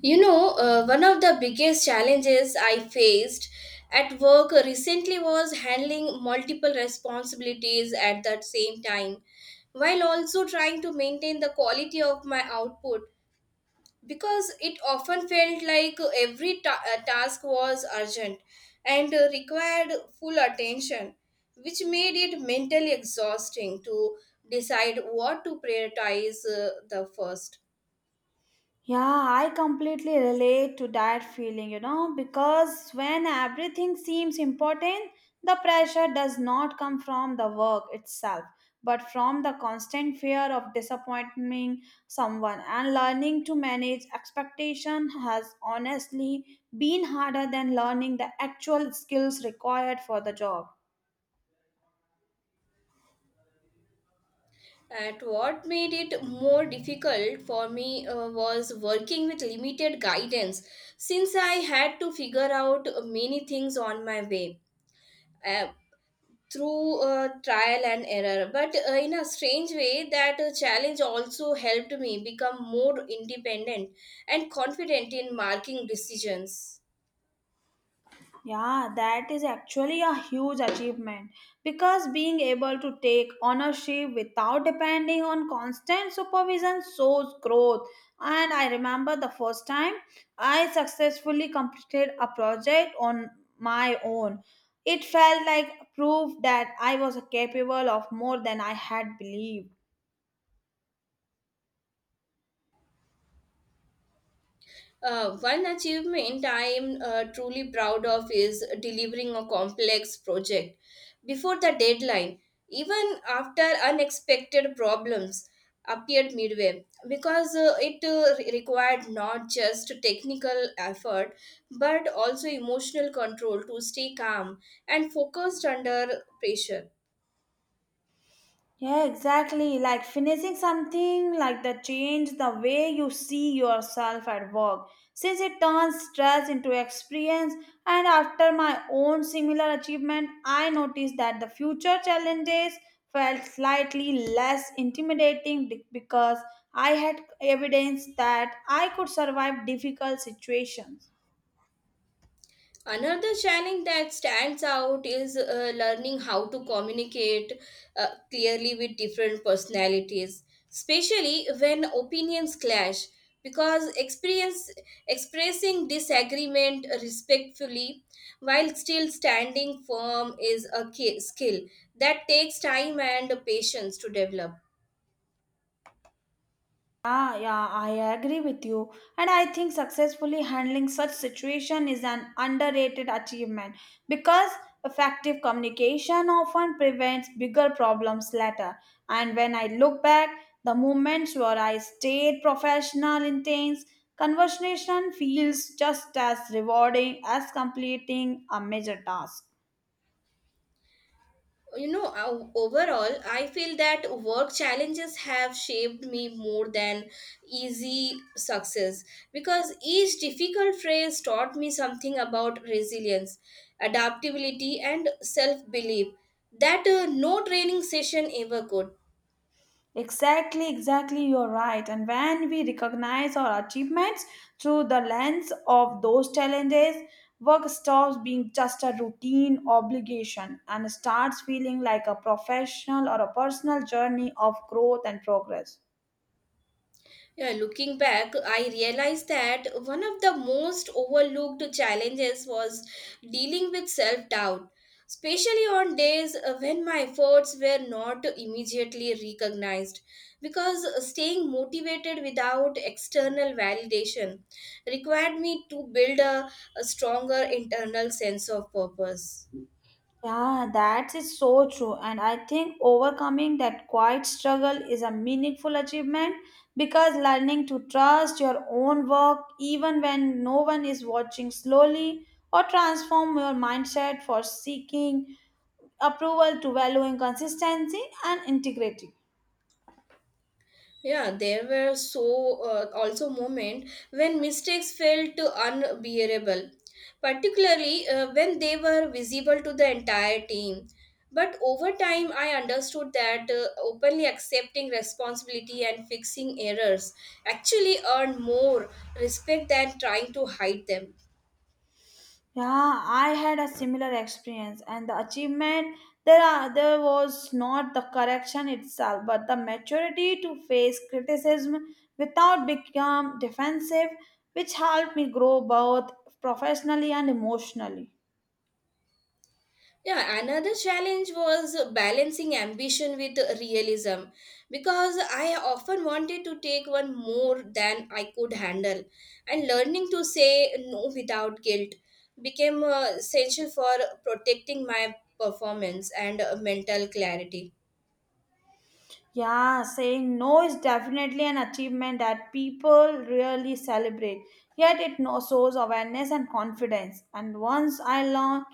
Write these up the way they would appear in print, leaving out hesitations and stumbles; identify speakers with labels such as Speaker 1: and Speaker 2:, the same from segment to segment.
Speaker 1: One of the biggest challenges I faced at work recently was handling multiple responsibilities at that same time, while also trying to maintain the quality of my output because it often felt like every task was urgent and required full attention, which made it mentally exhausting to decide what to prioritize the first.
Speaker 2: Yeah, I completely relate to that feeling, you know, because when everything seems important, the pressure does not come from the work itself, but from the constant fear of disappointing someone. And learning to manage expectation has honestly been harder than learning the actual skills required for the job.
Speaker 1: And what made it more difficult for me was working with limited guidance since I had to figure out many things on my way uh, through trial and error. But in a strange way, that challenge also helped me become more independent and confident in making decisions.
Speaker 2: Yeah, that is actually a huge achievement because being able to take ownership without depending on constant supervision shows growth. And I remember the first time I successfully completed a project on my own. It felt like proof that I was capable of more than I had believed.
Speaker 1: One achievement I am truly proud of is delivering a complex project before the deadline, even after unexpected problems appeared midway, because it required not just technical effort but also emotional control to stay calm and focused under pressure.
Speaker 2: Yeah, exactly. Like finishing something like that change the way you see yourself at work. Since it turns stress into experience, and after my own similar achievement, I noticed that the future challenges felt slightly less intimidating because I had evidence that I could survive difficult situations.
Speaker 1: Another challenge that stands out is learning how to communicate clearly with different personalities, especially when opinions clash. Because experience expressing disagreement respectfully while still standing firm is a skill that takes time and patience to develop.
Speaker 2: Yeah, yeah, I agree with you. And I think successfully handling such situation is an underrated achievement because effective communication often prevents bigger problems later. And when I look back, the moments where I stayed professional in things, conversation feels just as rewarding as completing a major task.
Speaker 1: Overall, I feel that work challenges have shaped me more than easy success because each difficult phase taught me something about resilience, adaptability, and self belief that no training session ever could.
Speaker 2: Exactly, exactly, you're right. And when we recognize our achievements through the lens of those challenges, work stops being just a routine obligation and starts feeling like a professional or a personal journey of growth and progress.
Speaker 1: Yeah, looking back, I realized that one of the most overlooked challenges was dealing with self doubt, especially on days when my efforts were not immediately recognized. Because staying motivated without external validation required me to build a stronger internal sense of purpose.
Speaker 2: Yeah, that is so true. And I think overcoming that quiet struggle is a meaningful achievement because learning to trust your own work, even when no one is watching slowly, or transform your mindset for seeking approval to valuing consistency and integrity.
Speaker 1: Yeah, there were also moments when mistakes felt unbearable, particularly when they were visible to the entire team. But over time, I understood that openly accepting responsibility and fixing errors actually earned more respect than trying to hide them.
Speaker 2: Yeah, I had a similar experience, and the achievement there was not the correction itself, but the maturity to face criticism without become defensive, which helped me grow both professionally and emotionally.
Speaker 1: Yeah, another challenge was balancing ambition with realism because I often wanted to take one more than I could handle, and learning to say no without guilt became essential for protecting my performance and mental clarity.
Speaker 2: Yeah, saying no is definitely an achievement that people really celebrate. Yet it shows awareness and confidence. And once I learned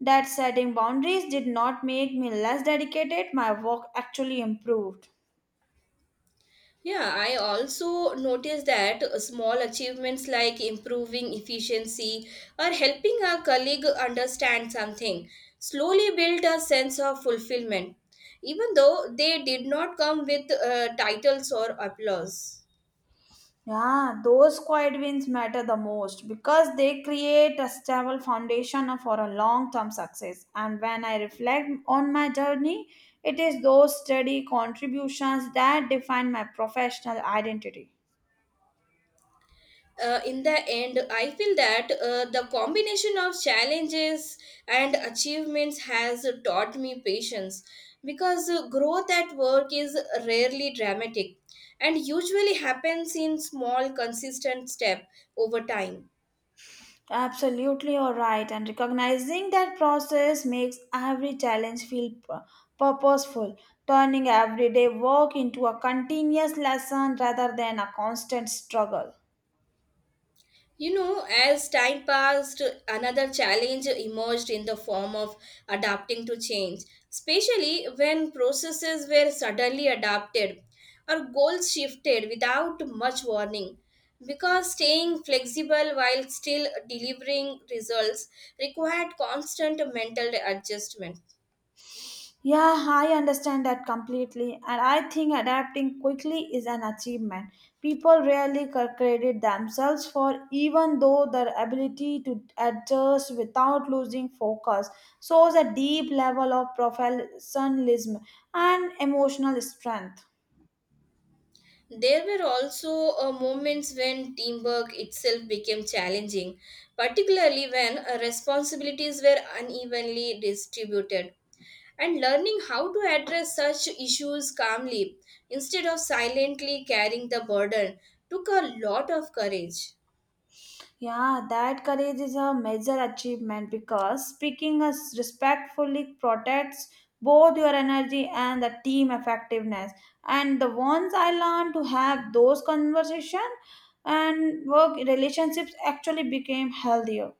Speaker 2: that setting boundaries did not make me less dedicated, my work actually improved.
Speaker 1: Yeah, I also noticed that small achievements like improving efficiency or helping a colleague understand something slowly build a sense of fulfillment, even though they did not come with titles or applause.
Speaker 2: Yeah, those quiet wins matter the most because they create a stable foundation for a long term success. And when I reflect on my journey, it is those steady contributions that define my professional identity.
Speaker 1: In the end, I feel that the combination of challenges and achievements has taught me patience because growth at work is rarely dramatic and usually happens in small, consistent step over time.
Speaker 2: Absolutely, you're right. And recognizing that process makes every challenge feel purposeful, turning everyday work into a continuous lesson rather than a constant struggle.
Speaker 1: You know, as time passed, another challenge emerged in the form of adapting to change, especially when processes were suddenly adapted or goals shifted without much warning. Because staying flexible while still delivering results required constant mental adjustment.
Speaker 2: Yeah, I understand that completely, and I think adapting quickly is an achievement. People rarely credit themselves for, even though their ability to adjust without losing focus shows a deep level of professionalism and emotional strength.
Speaker 1: There were also moments when teamwork itself became challenging, particularly when responsibilities were unevenly distributed. And learning how to address such issues calmly instead of silently carrying the burden took a lot of courage.
Speaker 2: Yeah, that courage is a major achievement because speaking as respectfully protects both your energy and the team effectiveness. And the ones I learned to have those conversation and work relationships actually became healthier.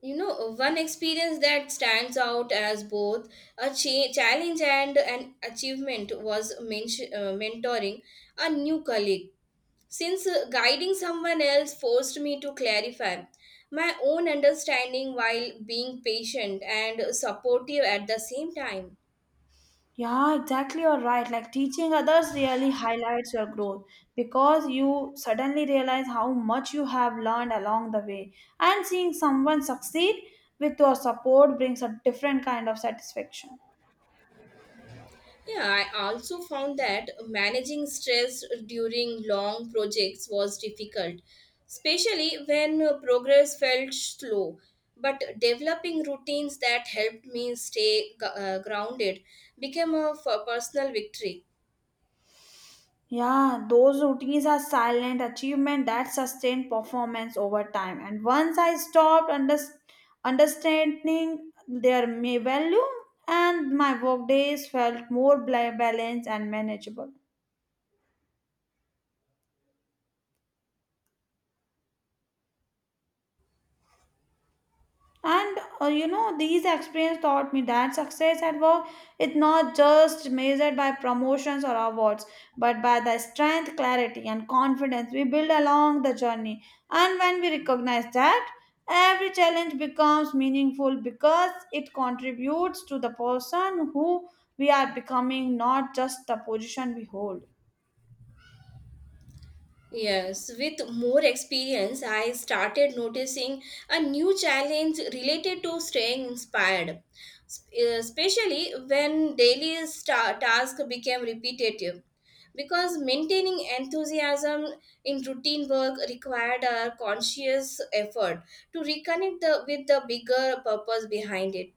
Speaker 1: You know, one experience that stands out as both a challenge and an achievement was mentoring a new colleague. Since guiding someone else forced me to clarify my own understanding while being patient and supportive at the same time.
Speaker 2: Yeah, exactly. You're right. Like teaching others really highlights your growth because you suddenly realize how much you have learned along the way. And seeing someone succeed with your support brings a different kind of satisfaction.
Speaker 1: Yeah, I also found that managing stress during long projects was difficult, especially when progress felt slow. But developing routines that helped me stay grounded became a personal victory.
Speaker 2: Yeah, those routines are silent achievement that sustain performance over time. And once I understanding their may value, and my work days felt more balanced and manageable. And you know, these experience taught me that success at work is not just measured by promotions or awards, but by the strength, clarity, and confidence we build along the journey. And when we recognize that, every challenge becomes meaningful because it contributes to the person who we are becoming, not just the position we hold.
Speaker 1: Yes, with more experience, I started noticing a new challenge related to staying inspired, sp- especially when daily tasks became repetitive. Because maintaining enthusiasm in routine work required a conscious effort to reconnect with the bigger purpose behind it.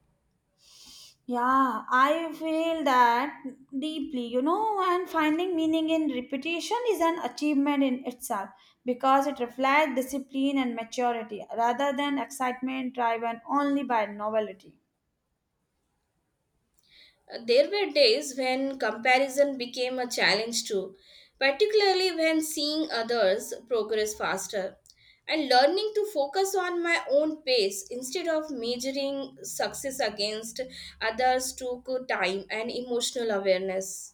Speaker 2: Yeah, I feel that deeply, you know, and finding meaning in repetition is an achievement in itself because it reflects discipline and maturity rather than excitement driven only by novelty.
Speaker 1: There were days when comparison became a challenge too, particularly when seeing others progress faster. And learning to focus on my own pace instead of measuring success against others took time and emotional awareness.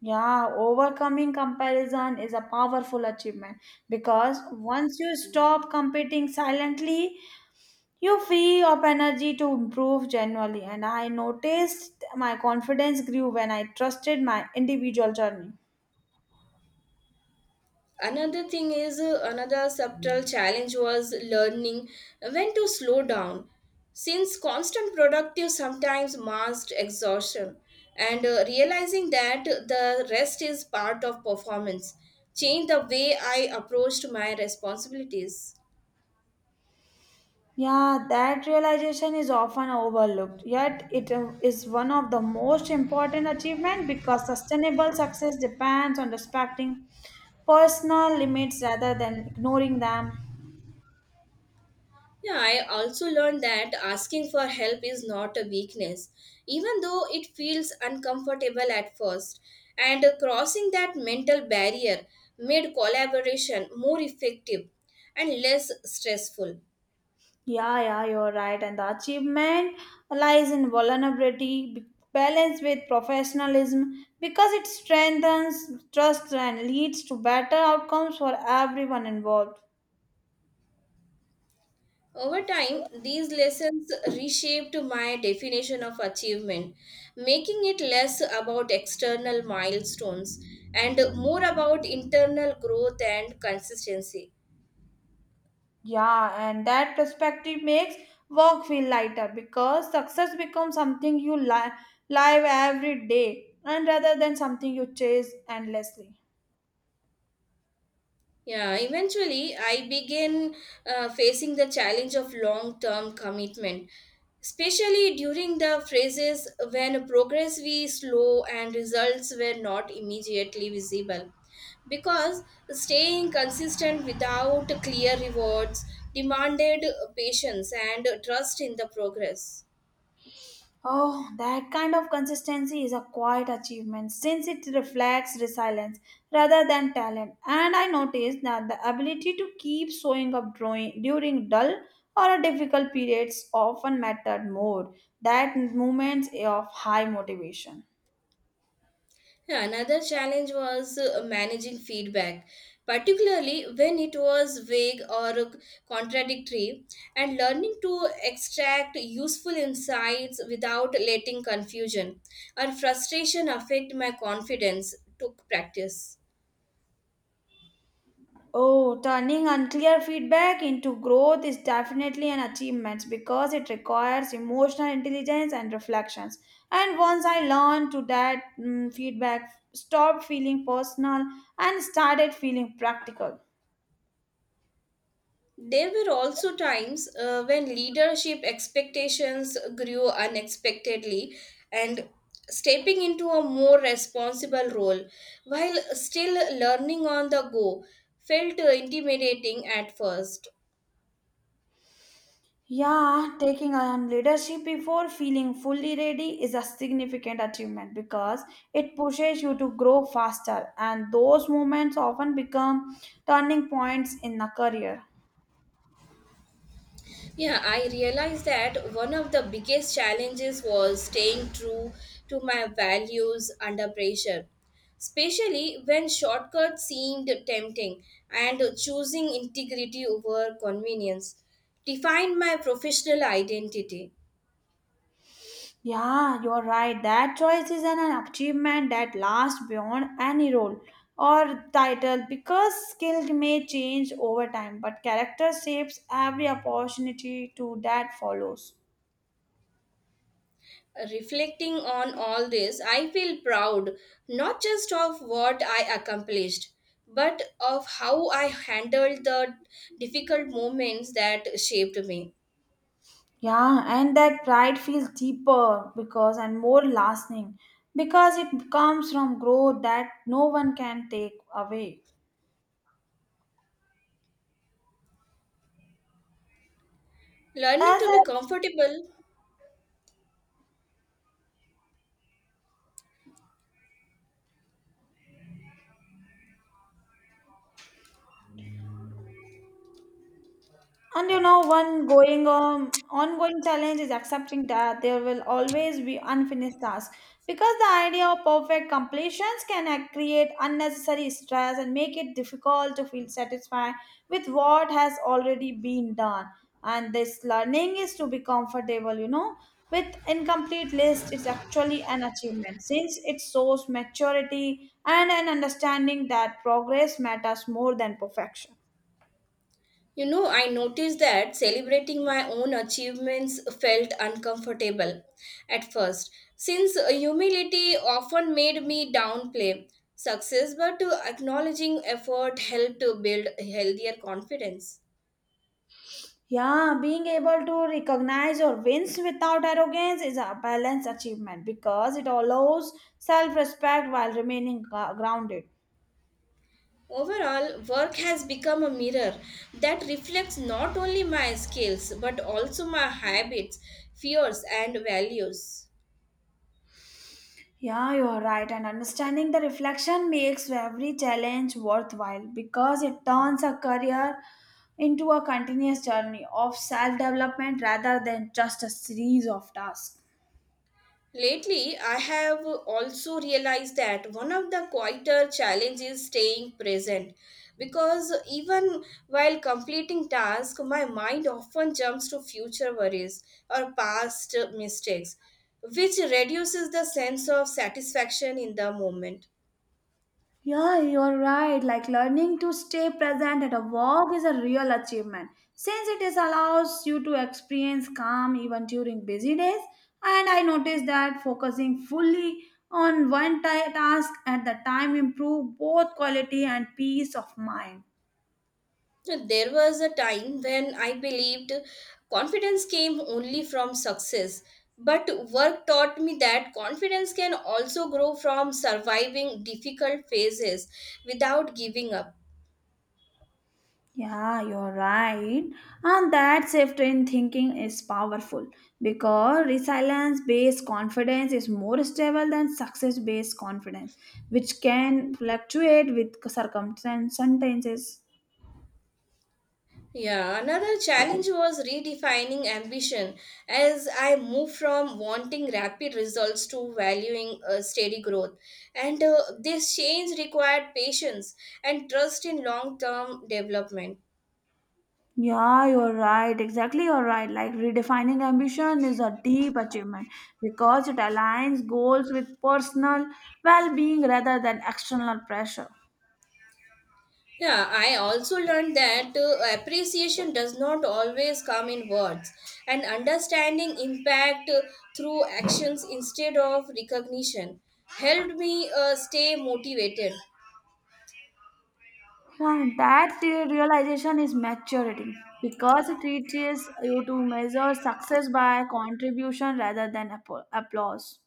Speaker 2: Yeah, overcoming comparison is a powerful achievement because once you stop competing silently, you free up energy to improve genuinely. And I noticed my confidence grew when I trusted my individual journey.
Speaker 1: Another thing is another subtle challenge was learning when to slow down since constant productive sometimes masked exhaustion and realizing that the rest is part of performance changed the way I approached my responsibilities.
Speaker 2: Yeah, that realization is often overlooked, yet it is one of the most important achievements because sustainable success depends on respecting personal limits rather than ignoring them.
Speaker 1: Yeah, I also learned that asking for help is not a weakness, even though it feels uncomfortable at first. And crossing that mental barrier made collaboration more effective and less stressful.
Speaker 2: Yeah, yeah, you're right. And the achievement lies in vulnerability, balanced with professionalism, because it strengthens trust and leads to better outcomes for everyone involved.
Speaker 1: Over time, these lessons reshaped my definition of achievement, making it less about external milestones and more about internal growth and consistency.
Speaker 2: Yeah, and that perspective makes work feel lighter because success becomes something you live every day and rather than something you chase endlessly.
Speaker 1: Yeah, eventually I began facing the challenge of long term commitment, especially during the phases when progress was slow and results were not immediately visible. Because staying consistent without clear rewards demanded patience and trust in the progress.
Speaker 2: Oh, that kind of consistency is a quiet achievement since it reflects resilience rather than talent. And I noticed that the ability to keep showing up drawing during dull or difficult periods often mattered more than moments of high motivation.
Speaker 1: Yeah, another challenge was managing feedback, particularly when it was vague or contradictory, and learning to extract useful insights without letting confusion or frustration affect my confidence took practice.
Speaker 2: Oh, turning unclear feedback into growth is definitely an achievement because it requires emotional intelligence and reflections. And once I learned to that mm, feedback, stopped feeling personal and started feeling practical.
Speaker 1: There were also times when leadership expectations grew unexpectedly and stepping into a more responsible role while still learning on the go felt intimidating at first.
Speaker 2: Yeah, taking on leadership before feeling fully ready is a significant achievement because it pushes you to grow faster, and those moments often become turning points in a career.
Speaker 1: Yeah, I realized that one of the biggest challenges was staying true to my values under pressure, especially when shortcuts seemed tempting and choosing integrity over convenience defined my professional identity.
Speaker 2: Yeah, you're right. That choice is an achievement that lasts beyond any role or title because skill may change over time, but character shapes every opportunity to that follows.
Speaker 1: Reflecting on all this, I feel proud not just of what I accomplished, but of how I handled the difficult moments that shaped me.
Speaker 2: Yeah, and that pride feels deeper because and more lasting because it comes from growth that no one can take away.
Speaker 1: Learning
Speaker 2: As
Speaker 1: to
Speaker 2: I
Speaker 1: be comfortable.
Speaker 2: And you know, one going ongoing challenge is accepting that there will always be unfinished tasks because the idea of perfect completions can create unnecessary stress and make it difficult to feel satisfied with what has already been done. And this learning is to be comfortable, you know, with incomplete list. It's actually an achievement since it shows maturity and an understanding that progress matters more than perfection.
Speaker 1: You know, I noticed that celebrating my own achievements felt uncomfortable at first, since humility often made me downplay success, but acknowledging effort helped to build healthier confidence.
Speaker 2: Yeah, being able to recognize your wins without arrogance is a balanced achievement because it allows self respect while remaining grounded.
Speaker 1: Overall, work has become a mirror that reflects not only my skills but also my habits, fears, and values.
Speaker 2: Yeah, you are right. And understanding the reflection makes every challenge worthwhile because it turns a career into a continuous journey of self development rather than just a series of tasks.
Speaker 1: Lately, I have also realized that one of the quieter challenges is staying present because even while completing tasks, my mind often jumps to future worries or past mistakes, which reduces the sense of satisfaction in the moment.
Speaker 2: Yeah, you're right. Like learning to stay present at a walk is a real achievement since it is allows you to experience calm even during busy days. And I noticed that focusing fully on one task at the time improve both quality and peace of mind.
Speaker 1: There was a time when I believed confidence came only from success, but work taught me that confidence can also grow from surviving difficult phases without giving up.
Speaker 2: Yeah, you're right. And that shift in thinking is powerful because resilience based confidence is more stable than success based confidence, which can fluctuate with circumstances.
Speaker 1: Yeah, another challenge was redefining ambition as I moved from wanting rapid results to valuing steady growth. And this change required patience and trust in long term development.
Speaker 2: Yeah, you're right. Exactly, you're right. Like redefining ambition is a deep achievement because it aligns goals with personal well being rather than external pressure.
Speaker 1: Yeah, I also learned that appreciation does not always come in words, and understanding impact through actions instead of recognition helped me stay motivated.
Speaker 2: Yeah, that realization is maturity because it teaches you to measure success by contribution rather than applause.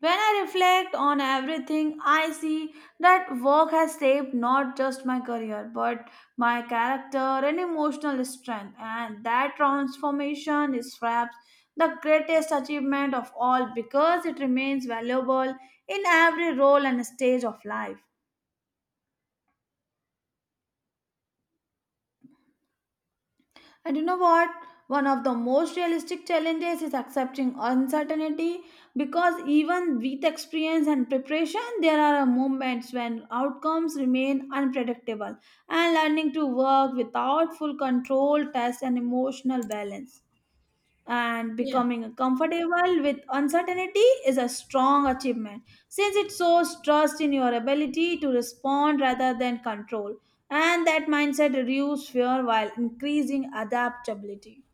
Speaker 2: When I reflect on everything, I see that work has shaped not just my career but my character and emotional strength, and that transformation is perhaps the greatest achievement of all because it remains valuable in every role and stage of life. And you know what? One of the most realistic challenges is accepting uncertainty because even with experience and preparation, there are moments when outcomes remain unpredictable and learning to work without full control tests an emotional balance and
Speaker 1: Yeah.
Speaker 2: becoming comfortable with uncertainty is a strong achievement since it shows trust in your ability to respond rather than control and that mindset reduces fear while increasing adaptability.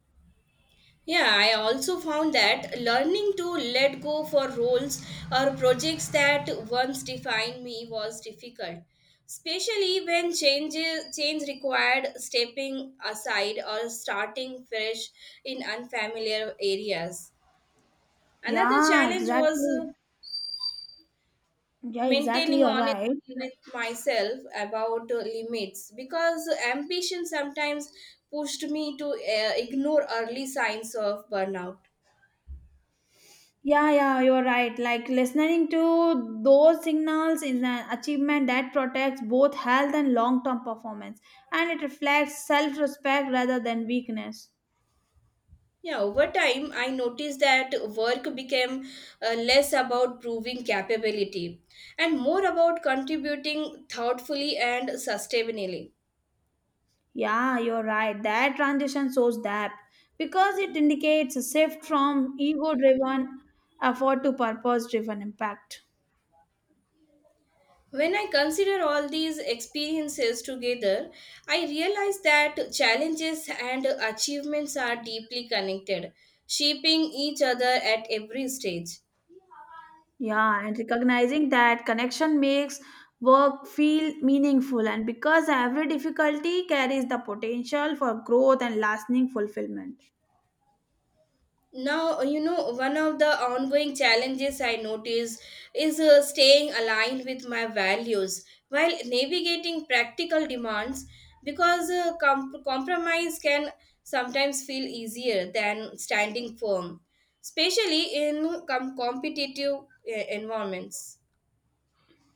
Speaker 1: Yeah, I also found that learning to let go for roles or projects that once defined me was difficult, especially when change required stepping aside or starting fresh in unfamiliar areas. Another
Speaker 2: Yeah,
Speaker 1: challenge was
Speaker 2: exactly. Yeah, exactly,
Speaker 1: maintaining
Speaker 2: you're right.
Speaker 1: honesty with myself about limits because ambition sometimes pushed me to ignore early signs of burnout.
Speaker 2: Yeah, yeah, you're right. Like listening to those signals is an achievement that protects both health and long-term performance and it reflects self-respect rather than weakness.
Speaker 1: Yeah, over time, I noticed that work became less about proving capability and more about contributing thoughtfully and sustainably.
Speaker 2: Yeah, you're right. That transition shows that because it indicates a shift from ego driven effort to purpose driven impact.
Speaker 1: When I consider all these experiences together, I realize that challenges and achievements are deeply connected, shaping each other at every stage.
Speaker 2: Yeah, and recognizing that connection makes work feel meaningful, and because every difficulty carries the potential for growth and lasting fulfillment.
Speaker 1: Now, one of the ongoing challenges I notice is staying aligned with my values while navigating practical demands because compromise can sometimes feel easier than standing firm, especially in competitive environments.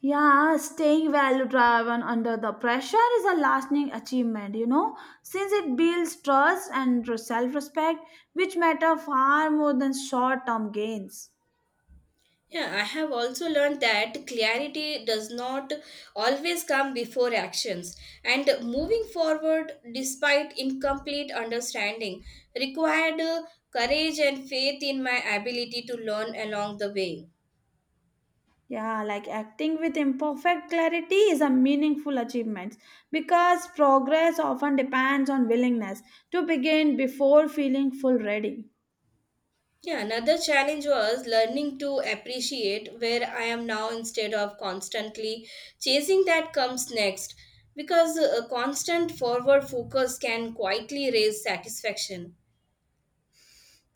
Speaker 2: Yeah, staying value driven under the pressure is a lasting achievement, you know, since it builds trust and self respect, which matter far more than short term gains.
Speaker 1: Yeah, I have also learned that clarity does not always come before actions, and moving forward despite incomplete understanding required courage and faith in my ability to learn along the way.
Speaker 2: Yeah, like acting with imperfect clarity is a meaningful achievement because progress often depends on willingness to begin before feeling full ready.
Speaker 1: Yeah, another challenge was learning to appreciate where I am now instead of constantly chasing that comes next, because a constant forward focus can quietly raise satisfaction.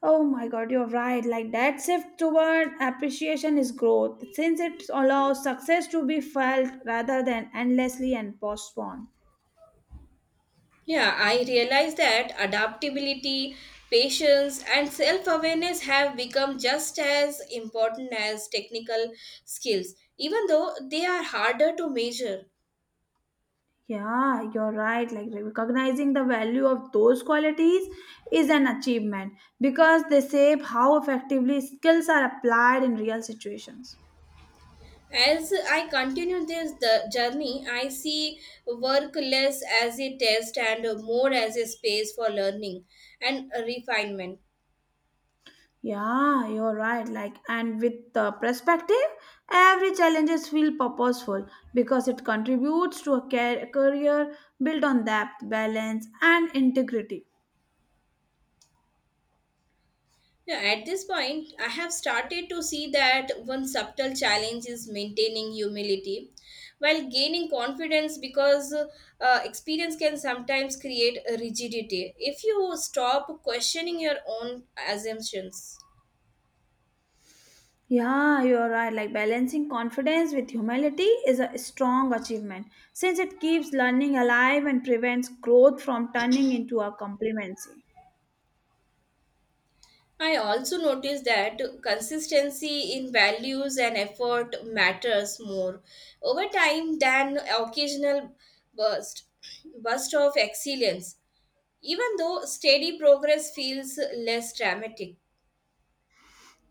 Speaker 2: Oh my god, you're right. Like that shift toward appreciation is growth, since it allows success to be felt rather than endlessly and postponed.
Speaker 1: Yeah, I realize that adaptability, patience, and self awareness have become just as important as technical skills, even though they are harder to measure.
Speaker 2: Yeah, you're right. Like recognizing the value of those qualities is an achievement because they shape how effectively skills are applied in real situations.
Speaker 1: As I continue this the journey, I see work less as a test and more as a space for learning and refinement.
Speaker 2: Yeah, you're right. Like, and with the perspective, every challenge is feel purposeful because it contributes to a care, career built on depth, balance, and integrity.
Speaker 1: Yeah, at this point, I have started to see that one subtle challenge is maintaining humility while gaining confidence because experience can sometimes create a rigidity if you stop questioning your own assumptions.
Speaker 2: Yeah, you're right. Like, balancing confidence with humility is a strong achievement since it keeps learning alive and prevents growth from turning into a complacency.
Speaker 1: I also noticed that consistency in values and effort matters more over time than occasional burst burst of excellence. Even though steady progress feels less dramatic,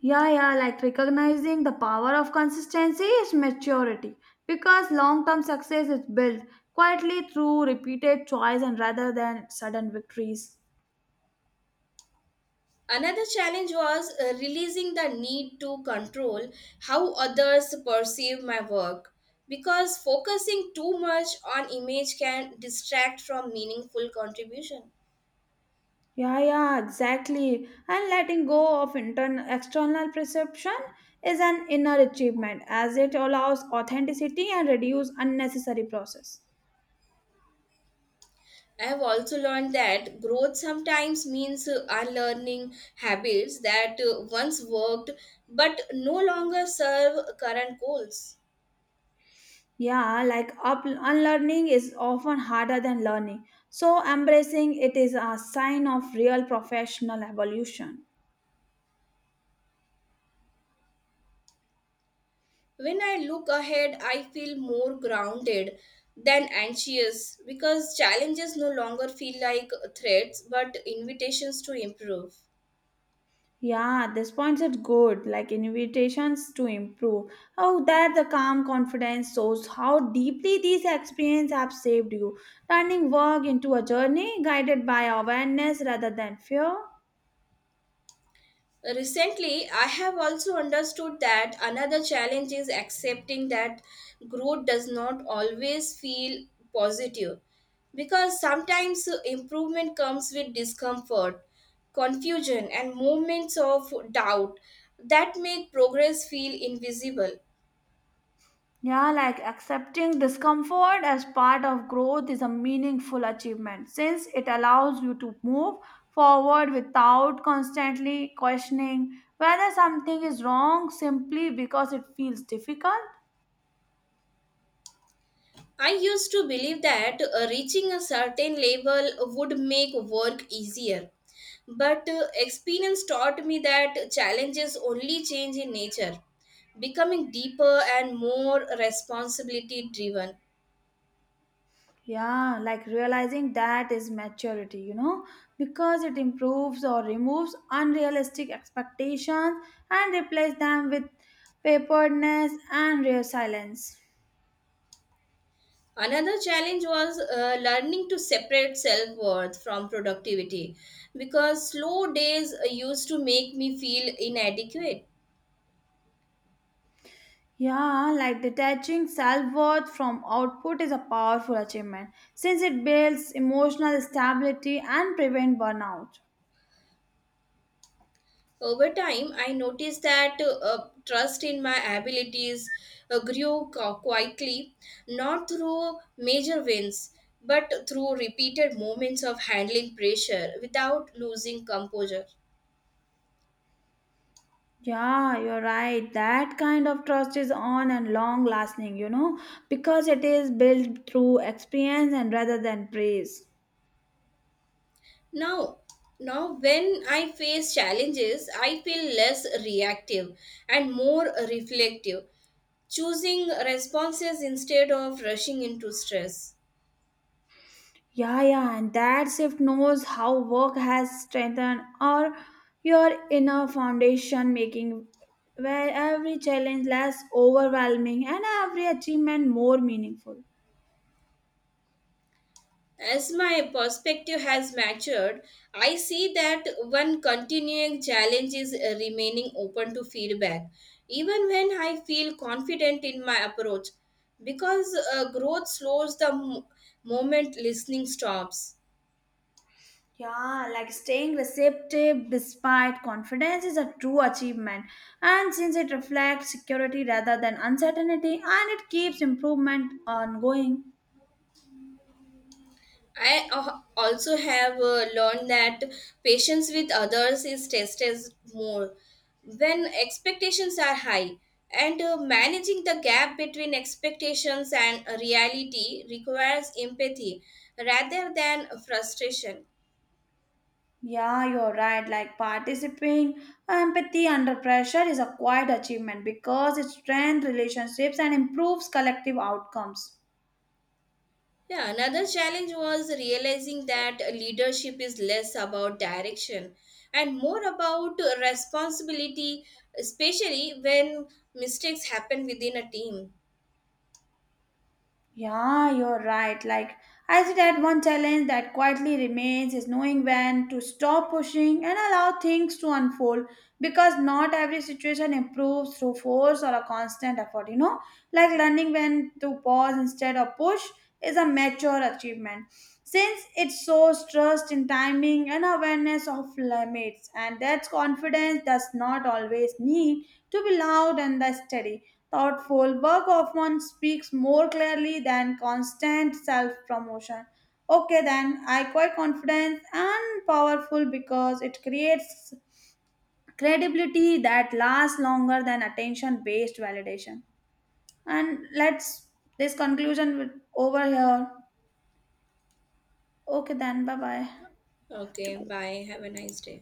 Speaker 2: Yeah, yeah, like recognizing the power of consistency is maturity because long term success is built quietly through repeated choice and rather than sudden victories.
Speaker 1: another challenge was releasing the need to control how others perceive my work because focusing too much on image can distract from meaningful contribution.
Speaker 2: Yeah, yeah, exactly. And letting go of internal external perception is an inner achievement as it allows authenticity and reduce unnecessary process.
Speaker 1: I have also learned that growth sometimes means unlearning habits that once worked but no longer serve current goals.
Speaker 2: Yeah, like unlearning is often harder than learning. So embracing it is a sign of real professional evolution.
Speaker 1: When I look ahead, I feel more grounded than anxious because challenges no longer feel like threats but invitations to improve.
Speaker 2: Yeah, this point is good, like invitations to improve. How that the calm confidence shows how deeply these experiences have saved you, turning work into a journey guided by awareness rather than fear.
Speaker 1: Recently, I have also understood that another challenge is accepting that growth does not always feel positive because sometimes improvement comes with discomfort, confusion, and moments of doubt that make progress feel invisible.
Speaker 2: Yeah, like accepting discomfort as part of growth is a meaningful achievement since it allows you to move forward without constantly questioning whether something is wrong simply because it feels difficult.
Speaker 1: I used to believe that reaching a certain level would make work easier. But experience taught me that challenges only change in nature, becoming deeper and more responsibility driven.
Speaker 2: Yeah, like realizing that is maturity, you know, because it improves or removes unrealistic expectations and replace them with paperedness and real silence.
Speaker 1: Another challenge was learning to separate self worth from productivity because slow days used to make me feel inadequate.
Speaker 2: Yeah, like detaching self worth from output is a powerful achievement since it builds emotional stability and prevent burnout.
Speaker 1: Over time, I noticed that trust in my abilities grew quietly, not through major wins, but through repeated moments of handling pressure without losing composure.
Speaker 2: Yeah, you're right. That kind of trust is on and long lasting, you know, because it is built through experience and rather than praise.
Speaker 1: Now, now when I face challenges, I feel less reactive and more reflective, choosing responses instead of rushing into stress.
Speaker 2: Yeah, yeah, and that shift knows how work has strengthened or your inner foundation, making where every challenge less overwhelming and every achievement more meaningful.
Speaker 1: As my perspective has matured, I see that one continuing challenge is remaining open to feedback, even when I feel confident in my approach, because growth slows the moment listening stops.
Speaker 2: Yeah, like staying receptive despite confidence is a true achievement, and since it reflects security rather than uncertainty, and it keeps improvement ongoing.
Speaker 1: I also have learned that patience with others is tested more when expectations are high, and managing the gap between expectations and reality requires empathy rather than frustration.
Speaker 2: Yeah, you're right. Like participating empathy under pressure is a quiet achievement because it strengthens relationships and improves collective outcomes.
Speaker 1: Yeah, another challenge was realizing that leadership is less about direction and more about responsibility, especially when mistakes happen within a team.
Speaker 2: Yeah, you're right. Like, I said that one challenge that quietly remains is knowing when to stop pushing and allow things to unfold because not every situation improves through force or a constant effort, you know? Like, learning when to pause instead of push is a mature achievement since it shows trust in timing and awareness of limits, and that confidence does not always need to be loud and steady. Thoughtful work often speaks more clearly than constant self promotion. Okay, then I quite confident and powerful because it creates credibility that lasts longer than attention based validation. And let's this over here. Okay, then bye bye. Have to
Speaker 1: Okay,
Speaker 2: go.
Speaker 1: bye. Have a nice day.